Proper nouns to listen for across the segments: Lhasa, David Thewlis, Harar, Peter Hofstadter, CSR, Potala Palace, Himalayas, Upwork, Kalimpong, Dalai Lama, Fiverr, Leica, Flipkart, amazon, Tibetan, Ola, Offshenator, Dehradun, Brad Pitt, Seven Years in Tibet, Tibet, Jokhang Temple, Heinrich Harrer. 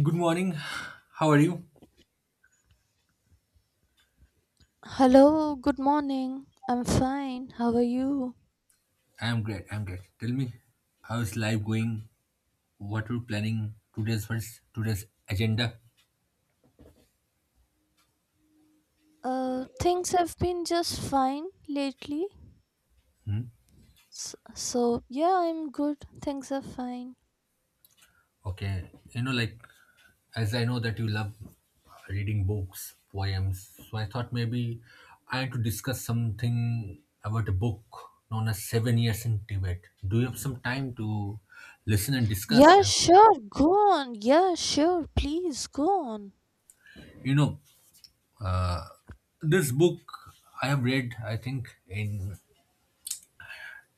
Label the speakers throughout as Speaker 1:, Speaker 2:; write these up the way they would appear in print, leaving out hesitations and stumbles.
Speaker 1: Good morning. How are you?
Speaker 2: Hello, good morning. I'm fine. How are you?
Speaker 1: I'm great. I'm great. Tell me, how's life going? What are you planning today's agenda?
Speaker 2: Things have been just fine lately.
Speaker 1: Hmm?
Speaker 2: Yeah, I'm good. Things are fine.
Speaker 1: Okay. Like, as I know that you love reading books, poems, so I thought maybe I had to discuss something about a book known as Seven Years in Tibet. Do you have some time to listen and discuss?
Speaker 2: Yeah,
Speaker 1: And see?
Speaker 2: sure. Go on. Yeah, sure. Please go on.
Speaker 1: you know, this book I have read, I think, in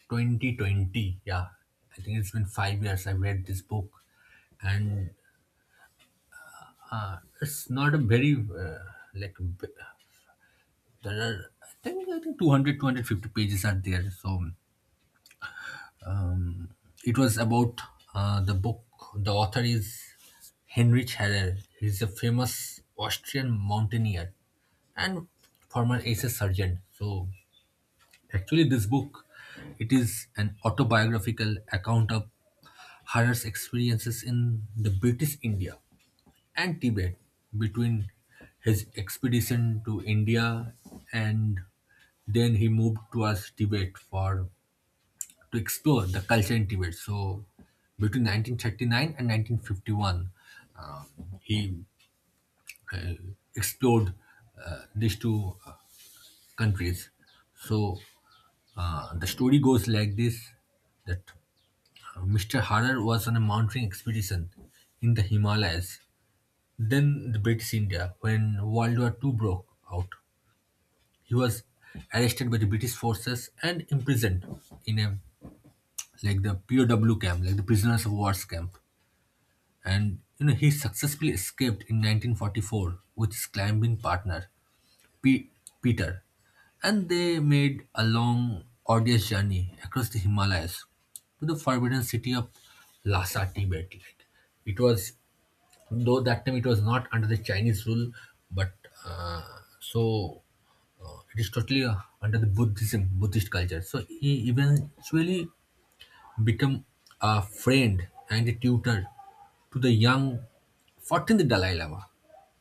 Speaker 1: 2020, yeah, I think it's been 5 years I've read this book. And it's not a very, like b- there are, I think, 200, 250 pages are there. So, um, it was about, the book, the author is Heinrich Herrer, he's a famous Austrian mountaineer and former SS sergeant. So, actually, this book, it is an autobiographical account of Harar's experiences in the British India and Tibet, between his expedition to India, and then he moved towards Tibet for to explore the culture in Tibet. So between 1939 and 1951, um, he uh, explored these two countries. So, the story goes like this: that, Mr. Harar was on a mountain expedition in the Himalayas, then the British India, when World War II broke out. He was arrested by the British forces and imprisoned in a, like, the POW camp, like the prisoners of war's camp. And you know he successfully escaped in 1944 with his climbing partner, Pe- Peter, and they made a long, arduous journey across the Himalayas to the forbidden city of Lhasa, Tibet. Like, it was, though that time it was not under the Chinese rule, but uh, so it is totally under the Buddhism, Buddhist culture. So he eventually become a friend and a tutor to the young 14th Dalai Lama,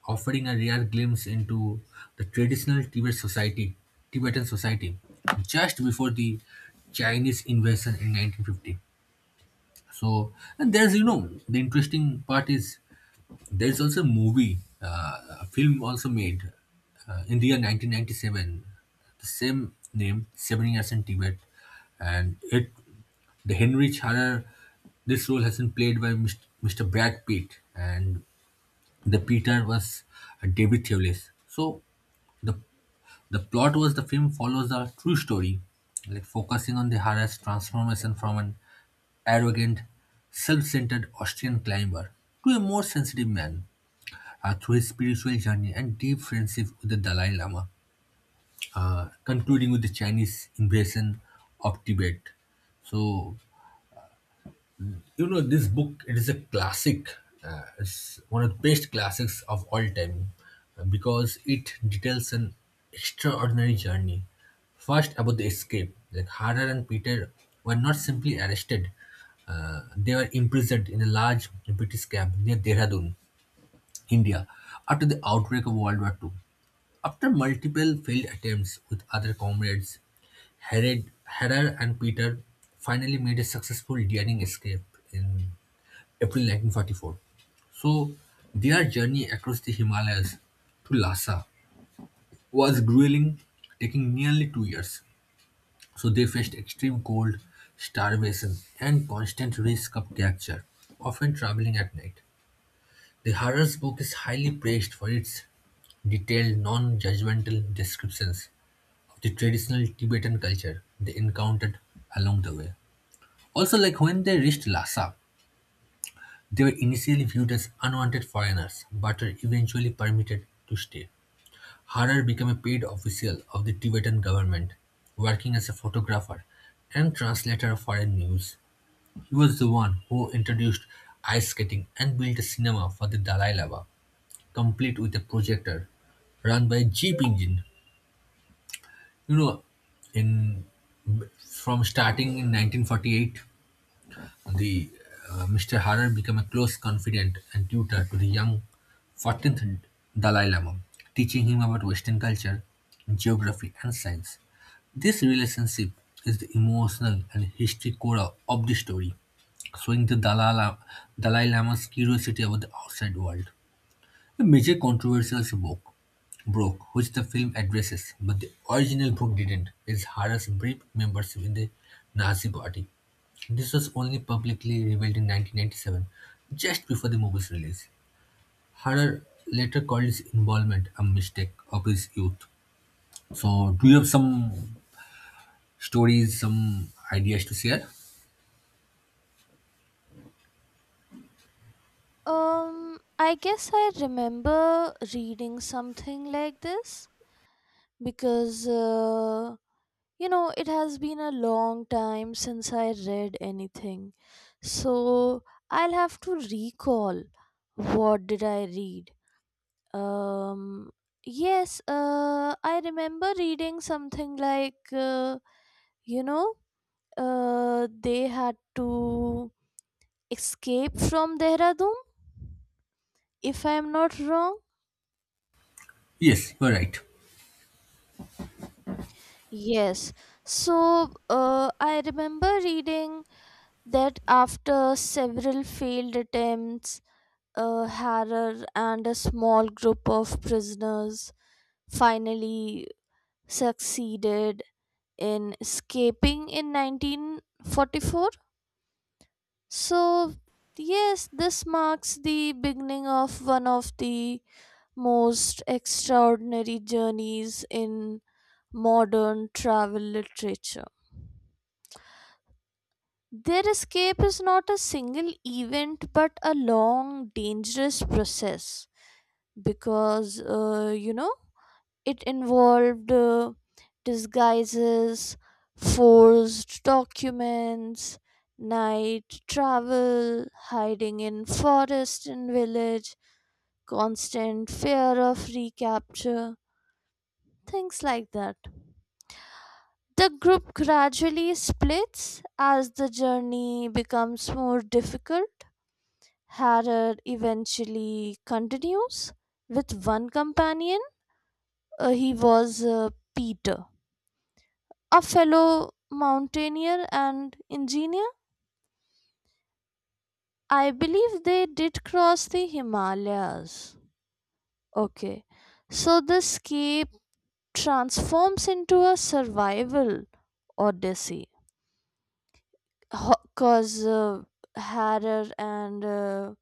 Speaker 1: offering a rare glimpse into the traditional Tibet society, Tibetan society just before the Chinese invasion in 1950. So, and the interesting part is there's also a movie, a film also made in the year 1997, the same name, Seven Years in Tibet, and it the Henry Charar, this role has been played by Mr. Brad Pitt, and the Peter was, David Thewlis. So the the plot was the film follows a true story, like focusing on the Hara's transformation from an arrogant, self-centered Austrian climber to a more sensitive man, through his spiritual journey and deep friendship with the Dalai Lama, concluding with the Chinese invasion of Tibet. So you know this book, it is a classic, it's one of the best classics of all time, because it details an extraordinary journey. First about the escape, like harder and Peter were not simply arrested, they were imprisoned in a large British camp near Dehradun, India, after the outbreak of World War Two. After multiple failed attempts with other comrades, Herod, Herrer and Peter finally made a successful daring escape in April 1944. So their journey across the Himalayas to Lhasa was grueling, taking nearly 2 years. So they faced extreme cold, starvation, and constant risk of capture, often traveling at night. The Harar's book is highly praised for its detailed, non-judgmental descriptions of the traditional Tibetan culture they encountered along the way. Also, like when they reached Lhasa, they were initially viewed as unwanted foreigners, but were eventually permitted to stay. Harar became a paid official of the Tibetan government, working as a photographer and translator of foreign news. He was the one who introduced ice skating and built a cinema for the Dalai Lama, complete with a projector run by a jeep engine. You know, in from starting in 1948, The Mr. Harar became a close confidant and tutor to the young 14th Dalai Lama, teaching him about Western culture, geography, and science. This relationship is the emotional and history core of the story, showing the Dalai Lama's curiosity about the outside world. The major controversial book broke, which the film addresses, but the original book didn't, is Harar's brief membership in the Nazi party. This was only publicly revealed in 1997, just before the movie's release. Harar later called his involvement a mistake of his youth. So, do you have some stories, some ideas to share?
Speaker 2: I guess I remember reading something like this because you know, it has been a long time since I read anything. So I'll have to recall what did I read. Um yes, I remember reading something like you know, they had to escape from Dehradun if I am not wrong.
Speaker 1: Yes, you're right.
Speaker 2: Yes. So I remember reading that after several failed attempts, Harar and a small group of prisoners finally succeeded in escaping in 1944. So, yes, this marks the beginning of one of the most extraordinary journeys in modern travel literature. Their escape is not a single event but a long, dangerous process because it involved disguises, forged documents, night travel, hiding in forest and village, constant fear of recapture, things like that. The group gradually splits as the journey becomes more difficult. Harrod eventually continues with one companion. He was Peter, a fellow mountaineer and engineer. I believe they did cross the Himalayas. Okay, so the escape transforms into a survival odyssey because Harar and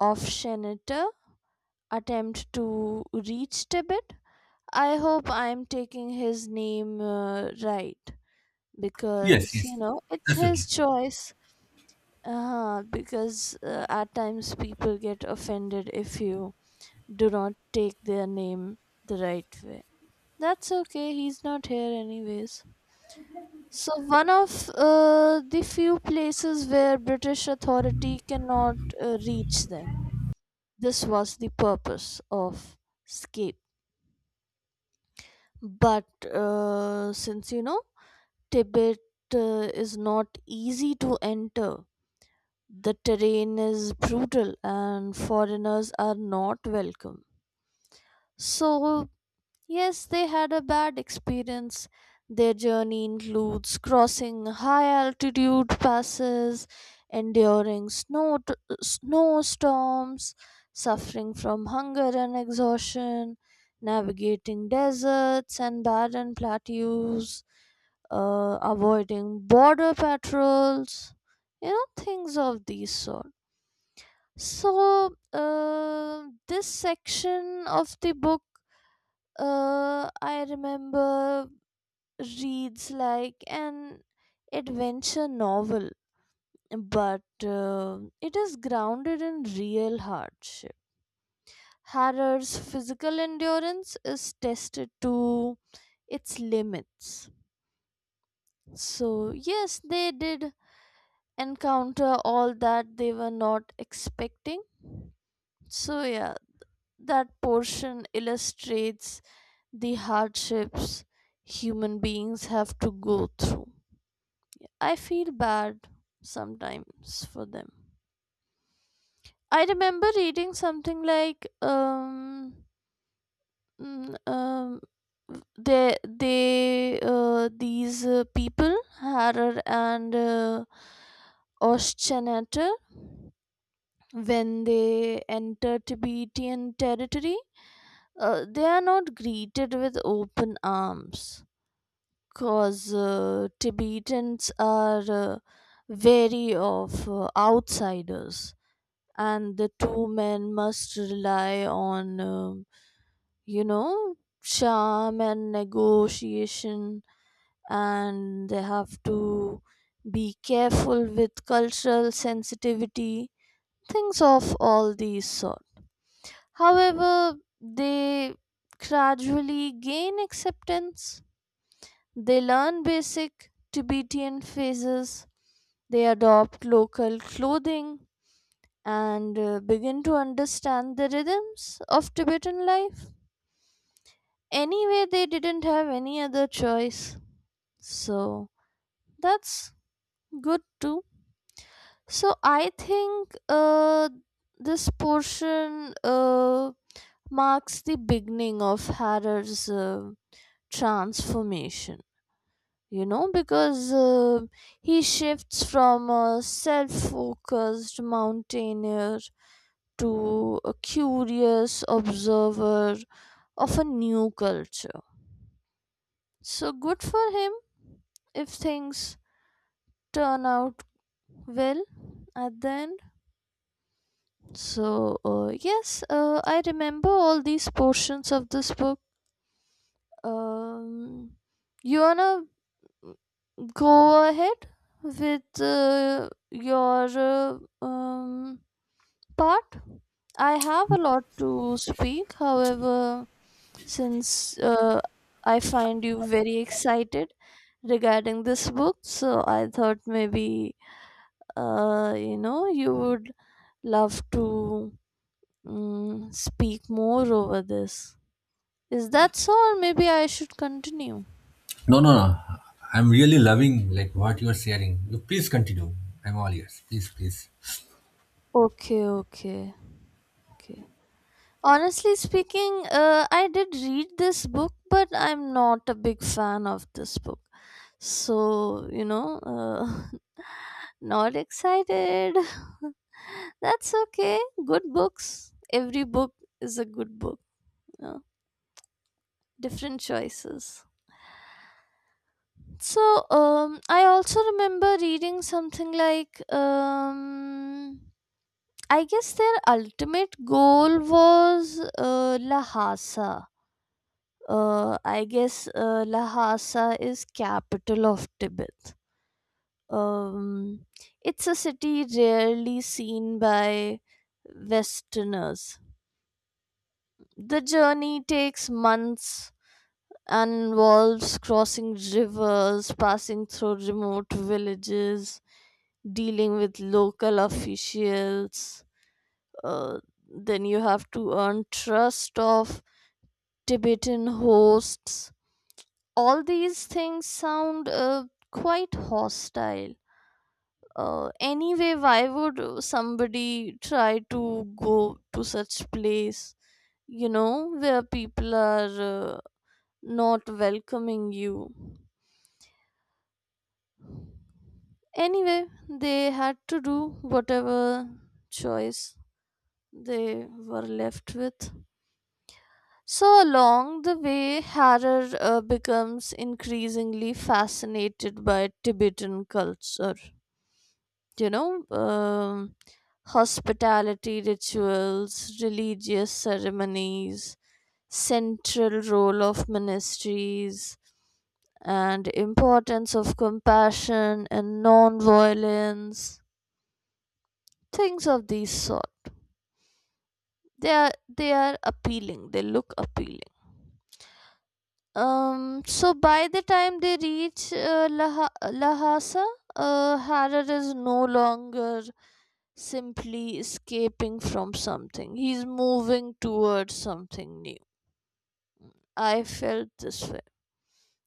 Speaker 2: Offshenator attempt to reach Tibet. I hope I'm taking his name right
Speaker 1: Yes,
Speaker 2: because you
Speaker 1: yes,
Speaker 2: know it's
Speaker 1: absolutely.
Speaker 2: his choice. Because at times people get offended if you do not take their name the right way. That's okay, he's not here anyways. So, one of the few places where British authority cannot reach them. This was the purpose of escape. But since you know, Tibet is not easy to enter. The terrain is brutal and foreigners are not welcome. So, yes, they had a bad experience. Their journey includes crossing high altitude passes, enduring snowstorms, suffering from hunger and exhaustion, navigating deserts and barren plateaus, avoiding border patrols, you know, things of these sort. So, this section of the book, I remember, reads like an adventure novel, but it is grounded in real hardship. Harrow's physical endurance is tested to its limits. So, yes, they did encounter all that they were not expecting. So, yeah. That portion illustrates the hardships human beings have to go through. I feel bad sometimes for them. I remember reading something like mm, they these people Harar and Oschenata, when they enter Tibetan territory, they are not greeted with open arms, because Tibetans are wary of outsiders, and the two men must rely on, you know, charm and negotiation, and they have to be careful with cultural sensitivity, things of all these sort. However, they gradually gain acceptance. They learn basic Tibetan phrases, they adopt local clothing, and begin to understand the rhythms of Tibetan life. Anyway, they didn't have any other choice. So that's good too. So I think this portion marks the beginning of Harar's transformation. You know, because he shifts from a self-focused mountaineer to a curious observer of a new culture, so good for him if things turn out well at the end. So yes, I remember all these portions of this book. um, you wanna go ahead with your part. I have a lot to speak, however, since I find you very excited regarding this book, so I thought maybe you know you would love to speak more over this. Is that so, or maybe I should continue?
Speaker 1: No, no, no. I'm really loving like what you're sharing. You please continue. I'm all ears. Please, please.
Speaker 2: Okay, okay, okay. Honestly speaking, I did read this book, but I'm not a big fan of this book. So, you know, not excited. That's okay. Good books. Every book is a good book. You Different choices. So, I also remember reading something like, I guess their ultimate goal was Lhasa. I guess Lhasa is capital of Tibet. Um, it's a city rarely seen by Westerners. The journey takes months and involves crossing rivers, passing through remote villages, dealing with local officials. Uh, then you have to earn trust of Tibetan hosts. All these things sound quite hostile. Anyway, why would somebody try to go to such place, you know, where people are not welcoming you? Anyway, they had to do whatever choice they were left with. So along the way, Harar becomes increasingly fascinated by Tibetan culture, you know: hospitality rituals, religious ceremonies, central role of ministries, and importance of compassion and non-violence, things of these sort. They are appealing. They look appealing. So by the time they reach Lhasa, Harar is no longer simply escaping from something. He's moving towards something new. I felt this way.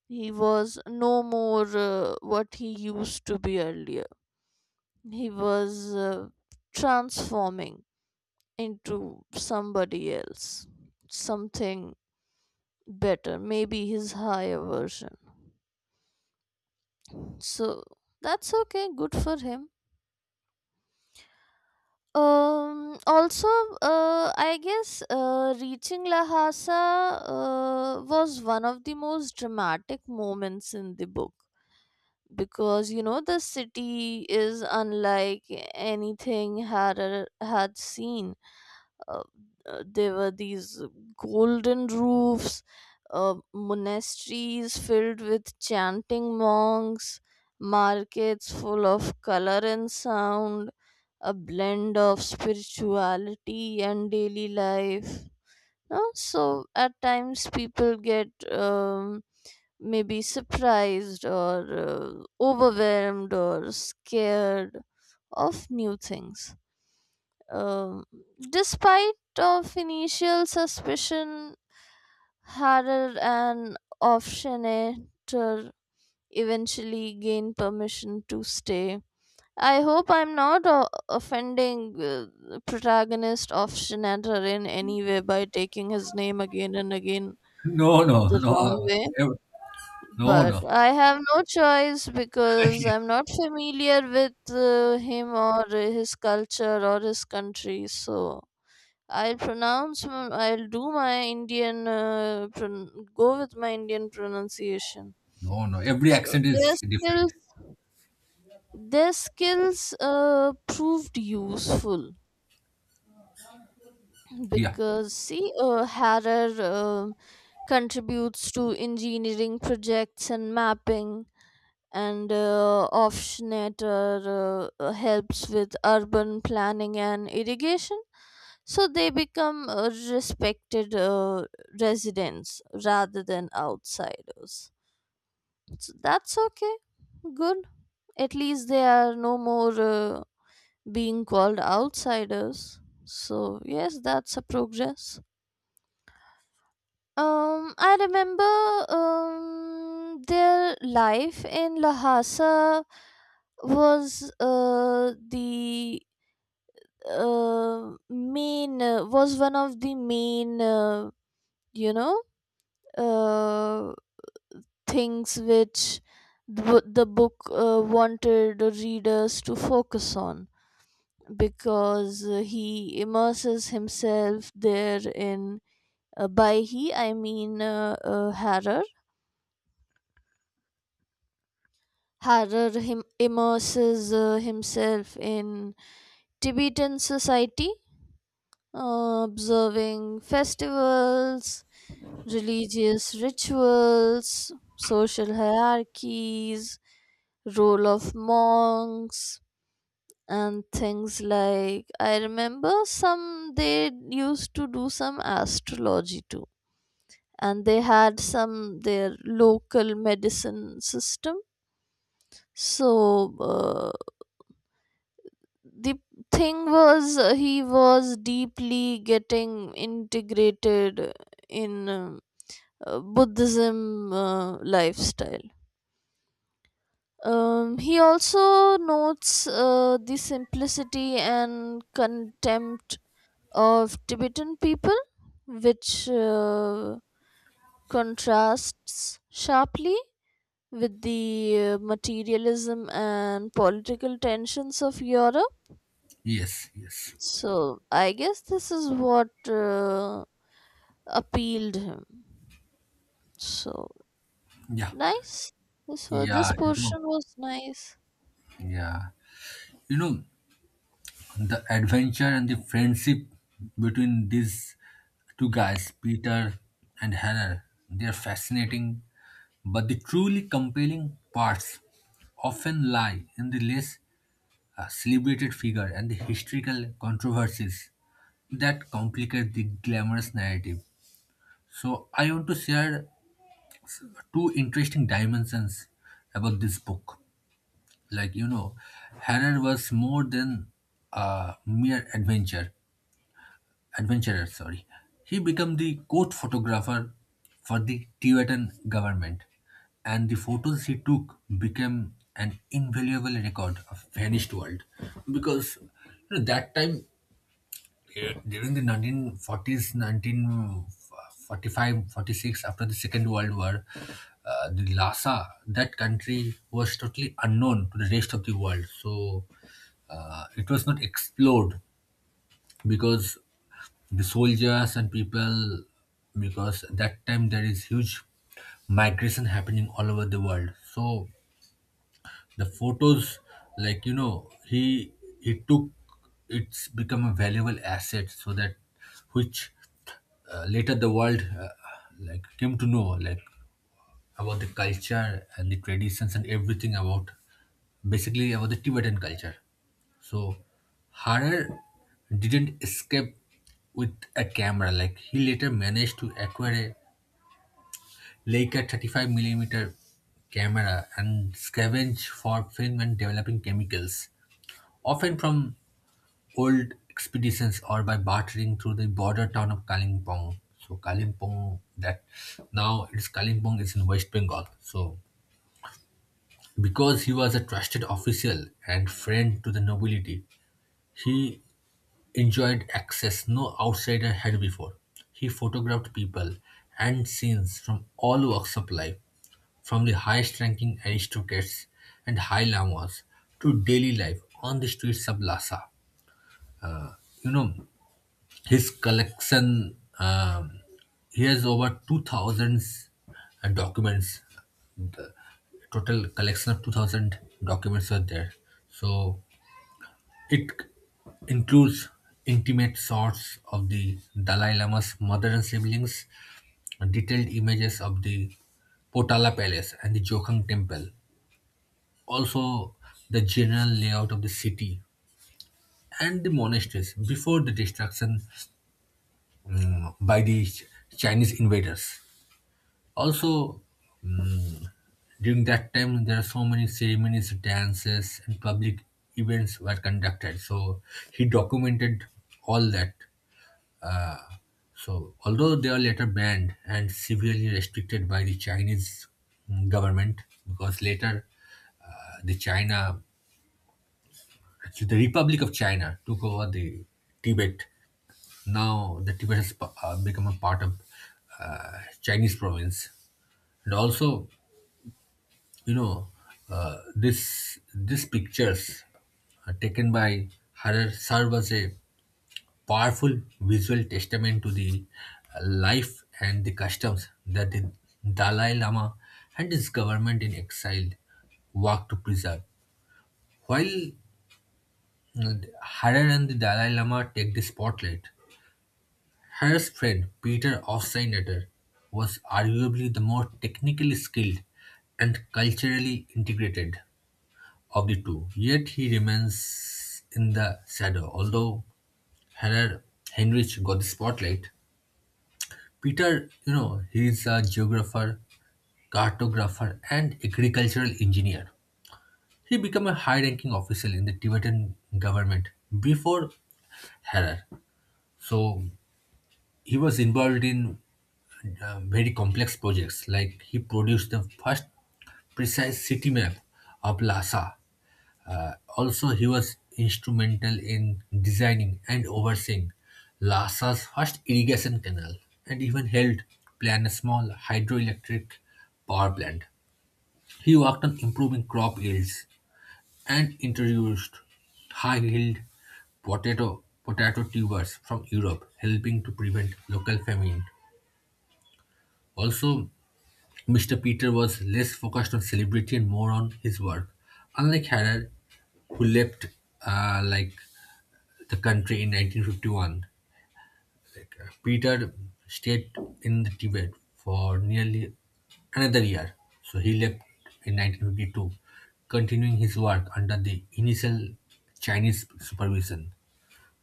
Speaker 2: He was no more what he used to be earlier. He was transforming into somebody else, something better, maybe his higher version. So that's okay, good for him. Also, I guess reaching Lhasa was one of the most dramatic moments in the book, because you know the city is unlike anything Harrer had seen. uh, there were these golden roofs, monasteries filled with chanting monks, markets full of color and sound, a blend of spirituality and daily life. No? So at times people get maybe surprised or overwhelmed or scared of new things. Um, Despite of initial suspicion, Harar and Ofshenator eventually gain permission to stay. I hope I'm not offending the protagonist Ofshenator in any way by taking his name again and again
Speaker 1: No, no,
Speaker 2: the wrong
Speaker 1: no,
Speaker 2: way.
Speaker 1: Ev- no,
Speaker 2: But
Speaker 1: no,
Speaker 2: I have no choice because I'm
Speaker 1: yes.
Speaker 2: not familiar with him or his culture or his country, so I'll pronounce. I'll do my Indian. Go with my Indian pronunciation.
Speaker 1: No, no. Every
Speaker 2: So
Speaker 1: accent
Speaker 2: their
Speaker 1: is different.
Speaker 2: skills, their skills, proved useful,
Speaker 1: Yeah.
Speaker 2: because see, Harer contributes to engineering projects and mapping, and Offshnatter helps with urban planning and irrigation, so they become respected residents rather than outsiders. So that's okay, good. At least they are no more being called outsiders, so yes, that's a progress. I remember their life in Lhasa was the main was one of the main you know uh, things which the book wanted the readers to focus on, because he immerses himself there in — by he I mean Harrer. Harar immerses himself in Tibetan society, observing festivals, religious rituals, social hierarchies, role of monks, and things like — I remember some, they used to do some astrology too, and they had some their local medicine system. So the thing was, he was deeply getting integrated in Buddhism lifestyle. He also notes the simplicity and contempt of Tibetan people, which contrasts sharply with the materialism and political tensions of Europe.
Speaker 1: Yes. Yes.
Speaker 2: So I guess this is what appealed him. So
Speaker 1: Yeah.
Speaker 2: nice. So this
Speaker 1: Yeah,
Speaker 2: portion was nice.
Speaker 1: yeah, you know, the adventure and the friendship between these two guys, Peter and Hannah, they are fascinating, but the truly compelling parts often lie in the less, celebrated figure and the historical controversies that complicate the glamorous narrative. So, I want to share two interesting dimensions about this book. like you know Harrer was more than a mere adventurer, sorry, he became the court photographer for the Tibetan government, and the photos he took became an invaluable record of vanished world. Because that time, during the 1940s, 1945, forty-six, after the Second World War, the Lhasa, that country was totally unknown to the rest of the world. So, it was not explored, because the soldiers and people, because that time there is huge migration happening all over the world. So the photos, like you know he he took, it's become a valuable asset, so that which, later the world, like came to know, like, about the culture and the traditions and everything about, basically, about the Tibetan culture. So Harar didn't escape with a camera. Like, he later managed to acquire a Leica 35 millimeter camera and scavenge for film and developing chemicals, often from old expeditions or by bartering through the border town of Kalimpong. So Kalimpong, that now, it's Kalimpong is in West Bengal. So because he was a trusted official and friend to the nobility, he enjoyed access no outsider had before. He photographed people and scenes from all walks of life, from the highest ranking aristocrats and high lamas to daily life on the streets of Lhasa. You know, his collection, he has over 2000 documents, total collection of 2000 documents are there. So it includes intimate shots of the Dalai Lama's mother and siblings, detailed images of the Potala Palace and the Jokhang Temple, also the general layout of the city and the monasteries before the destruction, by the Chinese invaders. Also, during that time, there are so many ceremonies, dances, and public events were conducted. So he documented all that. Uh, So, although they are later banned and severely restricted by the Chinese, government, because later, the China, actually the Republic of China, took over the Tibet. Now the Tibet has become a part of, Chinese province, and also, you know, this these pictures, taken by Harar, serve as a powerful visual testament to the, life and the customs that the Dalai Lama and his government in exile work to preserve. While, uh, Harar and the Dalai Lama take the spotlight, Harar's friend Peter Hofstadter was arguably the more technically skilled and culturally integrated of the two, yet he remains in the shadow. Although Harar Heinrich got the spotlight, Peter, he is a geographer, cartographer, and agricultural engineer. He became a high-ranking official in the Tibetan government before Harar. So he was involved in, very complex projects. Like, he produced the first precise city map of Lhasa, also, he was instrumental in designing and overseeing Lhasa's first irrigation canal, and even helped plan a small hydroelectric power plant. He worked on improving crop yields and introduced high-yield potato tubers from Europe, helping to prevent local famine. Also, Mr. Peter was less focused on celebrity and more on his work. Unlike Harrer, who left, like, the country in 1951. Like, Peter stayed in the Tibet for nearly another year. So he left in 1952, continuing his work under the initial Chinese supervision.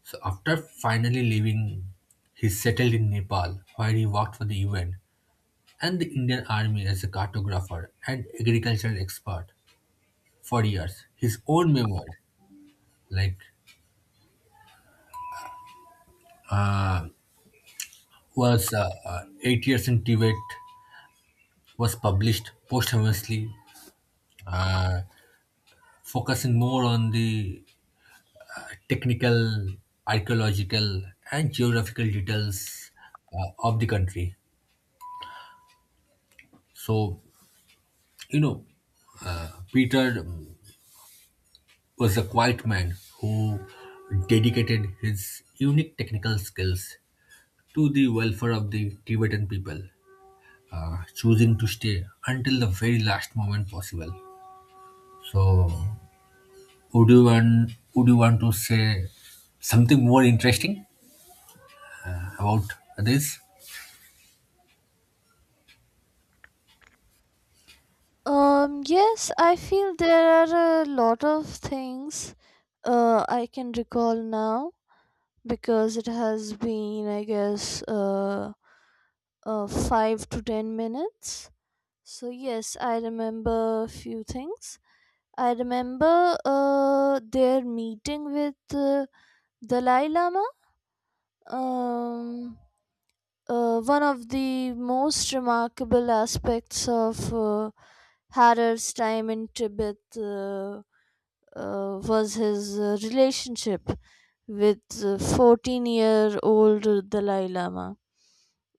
Speaker 1: So after finally leaving, he settled in Nepal, where he worked for the UN and the Indian Army as a cartographer and agricultural expert for years. His own memoir, like, uh, was, Eight Years in Tibet, was published posthumously, uh, focusing more on the technical, archaeological, and geographical details, of the country. So, you know, Peter, was a quiet man who dedicated his unique technical skills to the welfare of the Tibetan people, choosing to stay until the very last moment possible. So, Would you want to say something more interesting about this?
Speaker 2: Yes, I feel there are a lot of things I can recall now, because it has been, I guess, 5 to 10 minutes. So, yes, I remember a few things. I remember their meeting with Dalai Lama? Um, One of the most remarkable aspects of Harer's time in Tibet was his relationship with 14-year-old year old Dalai Lama.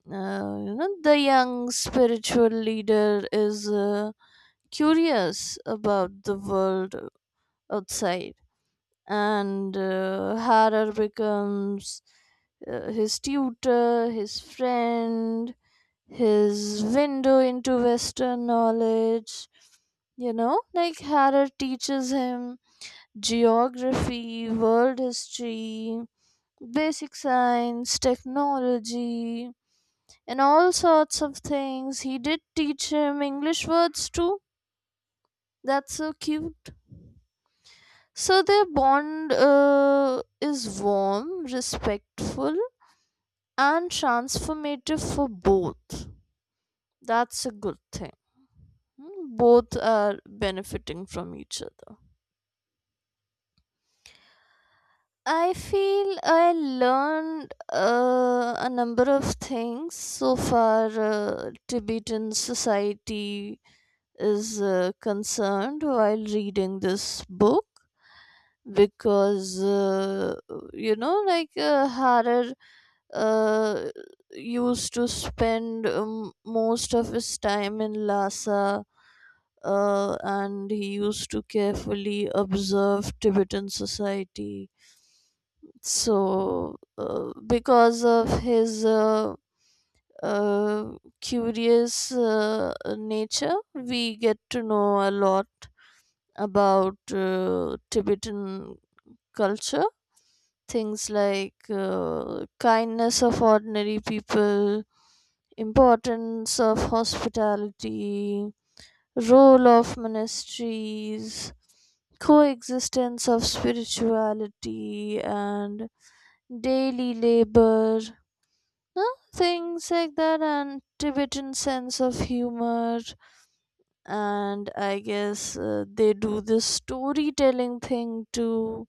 Speaker 2: You know, the young spiritual leader is curious about the world outside, and Harar becomes his tutor, his friend, his window into Western knowledge. You know, like Harar teaches him geography, world history, basic science, technology, and all sorts of things. He did teach him English words too. That's so cute. So their bond is warm, respectful, and transformative for both. That's a good thing. Hmm, both are benefiting from each other. I feel I learned a number of things so far Tibetan society is concerned while reading this book. Because you know, like, Harer uh, used to spend most of his time in Lhasa, and he used to carefully observe Tibetan society. So, because of his uh, curious nature, we get to know a lot about Tibetan culture — things like kindness of ordinary people, importance of hospitality, role of ministries, coexistence of spirituality, and daily labor, huh? Things like that, and Tibetan sense of humor, and I guess they do this storytelling thing too.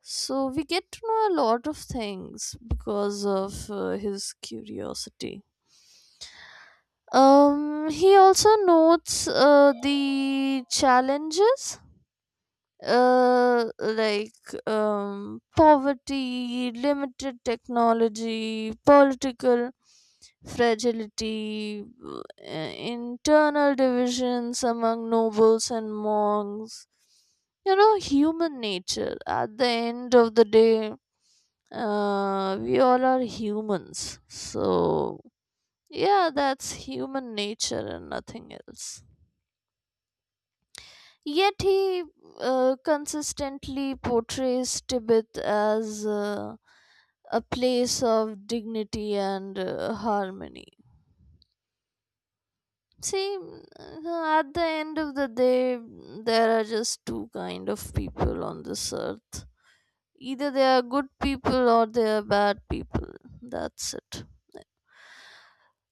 Speaker 2: So we get to know a lot of things because of his curiosity. He also notes the challenges — like poverty, limited technology, political fragility, internal divisions among nobles and monks. You know, human nature at the end of the day. We all are humans, so yeah, that's human nature and nothing else. Yet he consistently portrays Tibet as a place of dignity and harmony. See, at the end of the day, there are just two kind of people on this earth. Either they are good people or they are bad people. That's it.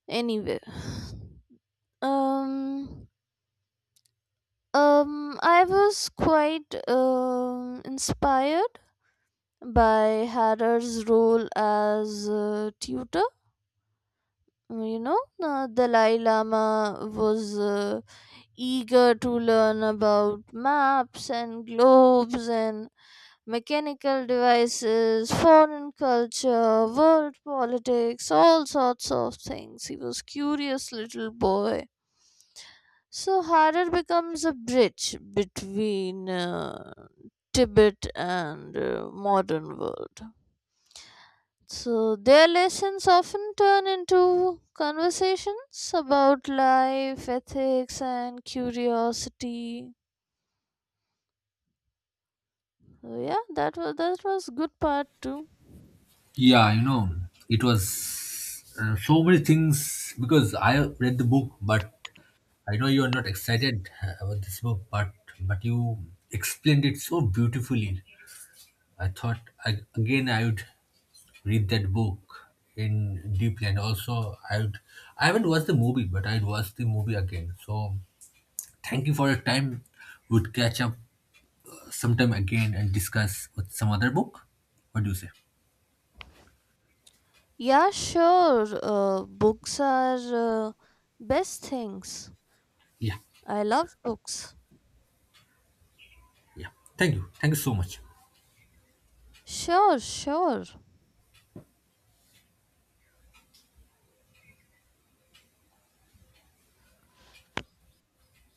Speaker 2: Anyway, um, I was quite inspired by Harar's role as tutor. You know, Dalai Lama was eager to learn about maps and globes and mechanical devices, foreign culture, world politics, all sorts of things. He was curious little boy. So Harar becomes a bridge between Tibet and modern world. So their lessons often turn into conversations about life, ethics, and curiosity. So yeah, that was good part too.
Speaker 1: Yeah, it was, so many things, because I read the book, but I know you are not excited, about this book, but you explained it so beautifully. I thought, I, again, I would read that book in deeply, and also I would, I haven't watched the movie, but I'd watch the movie again. So thank you for your time. Would catch up sometime again and discuss with some other book. What do you say?
Speaker 2: Yeah, sure. Books are best things.
Speaker 1: Yeah.
Speaker 2: I love books.
Speaker 1: Yeah. Thank you. Thank you so much.
Speaker 2: Sure, sure.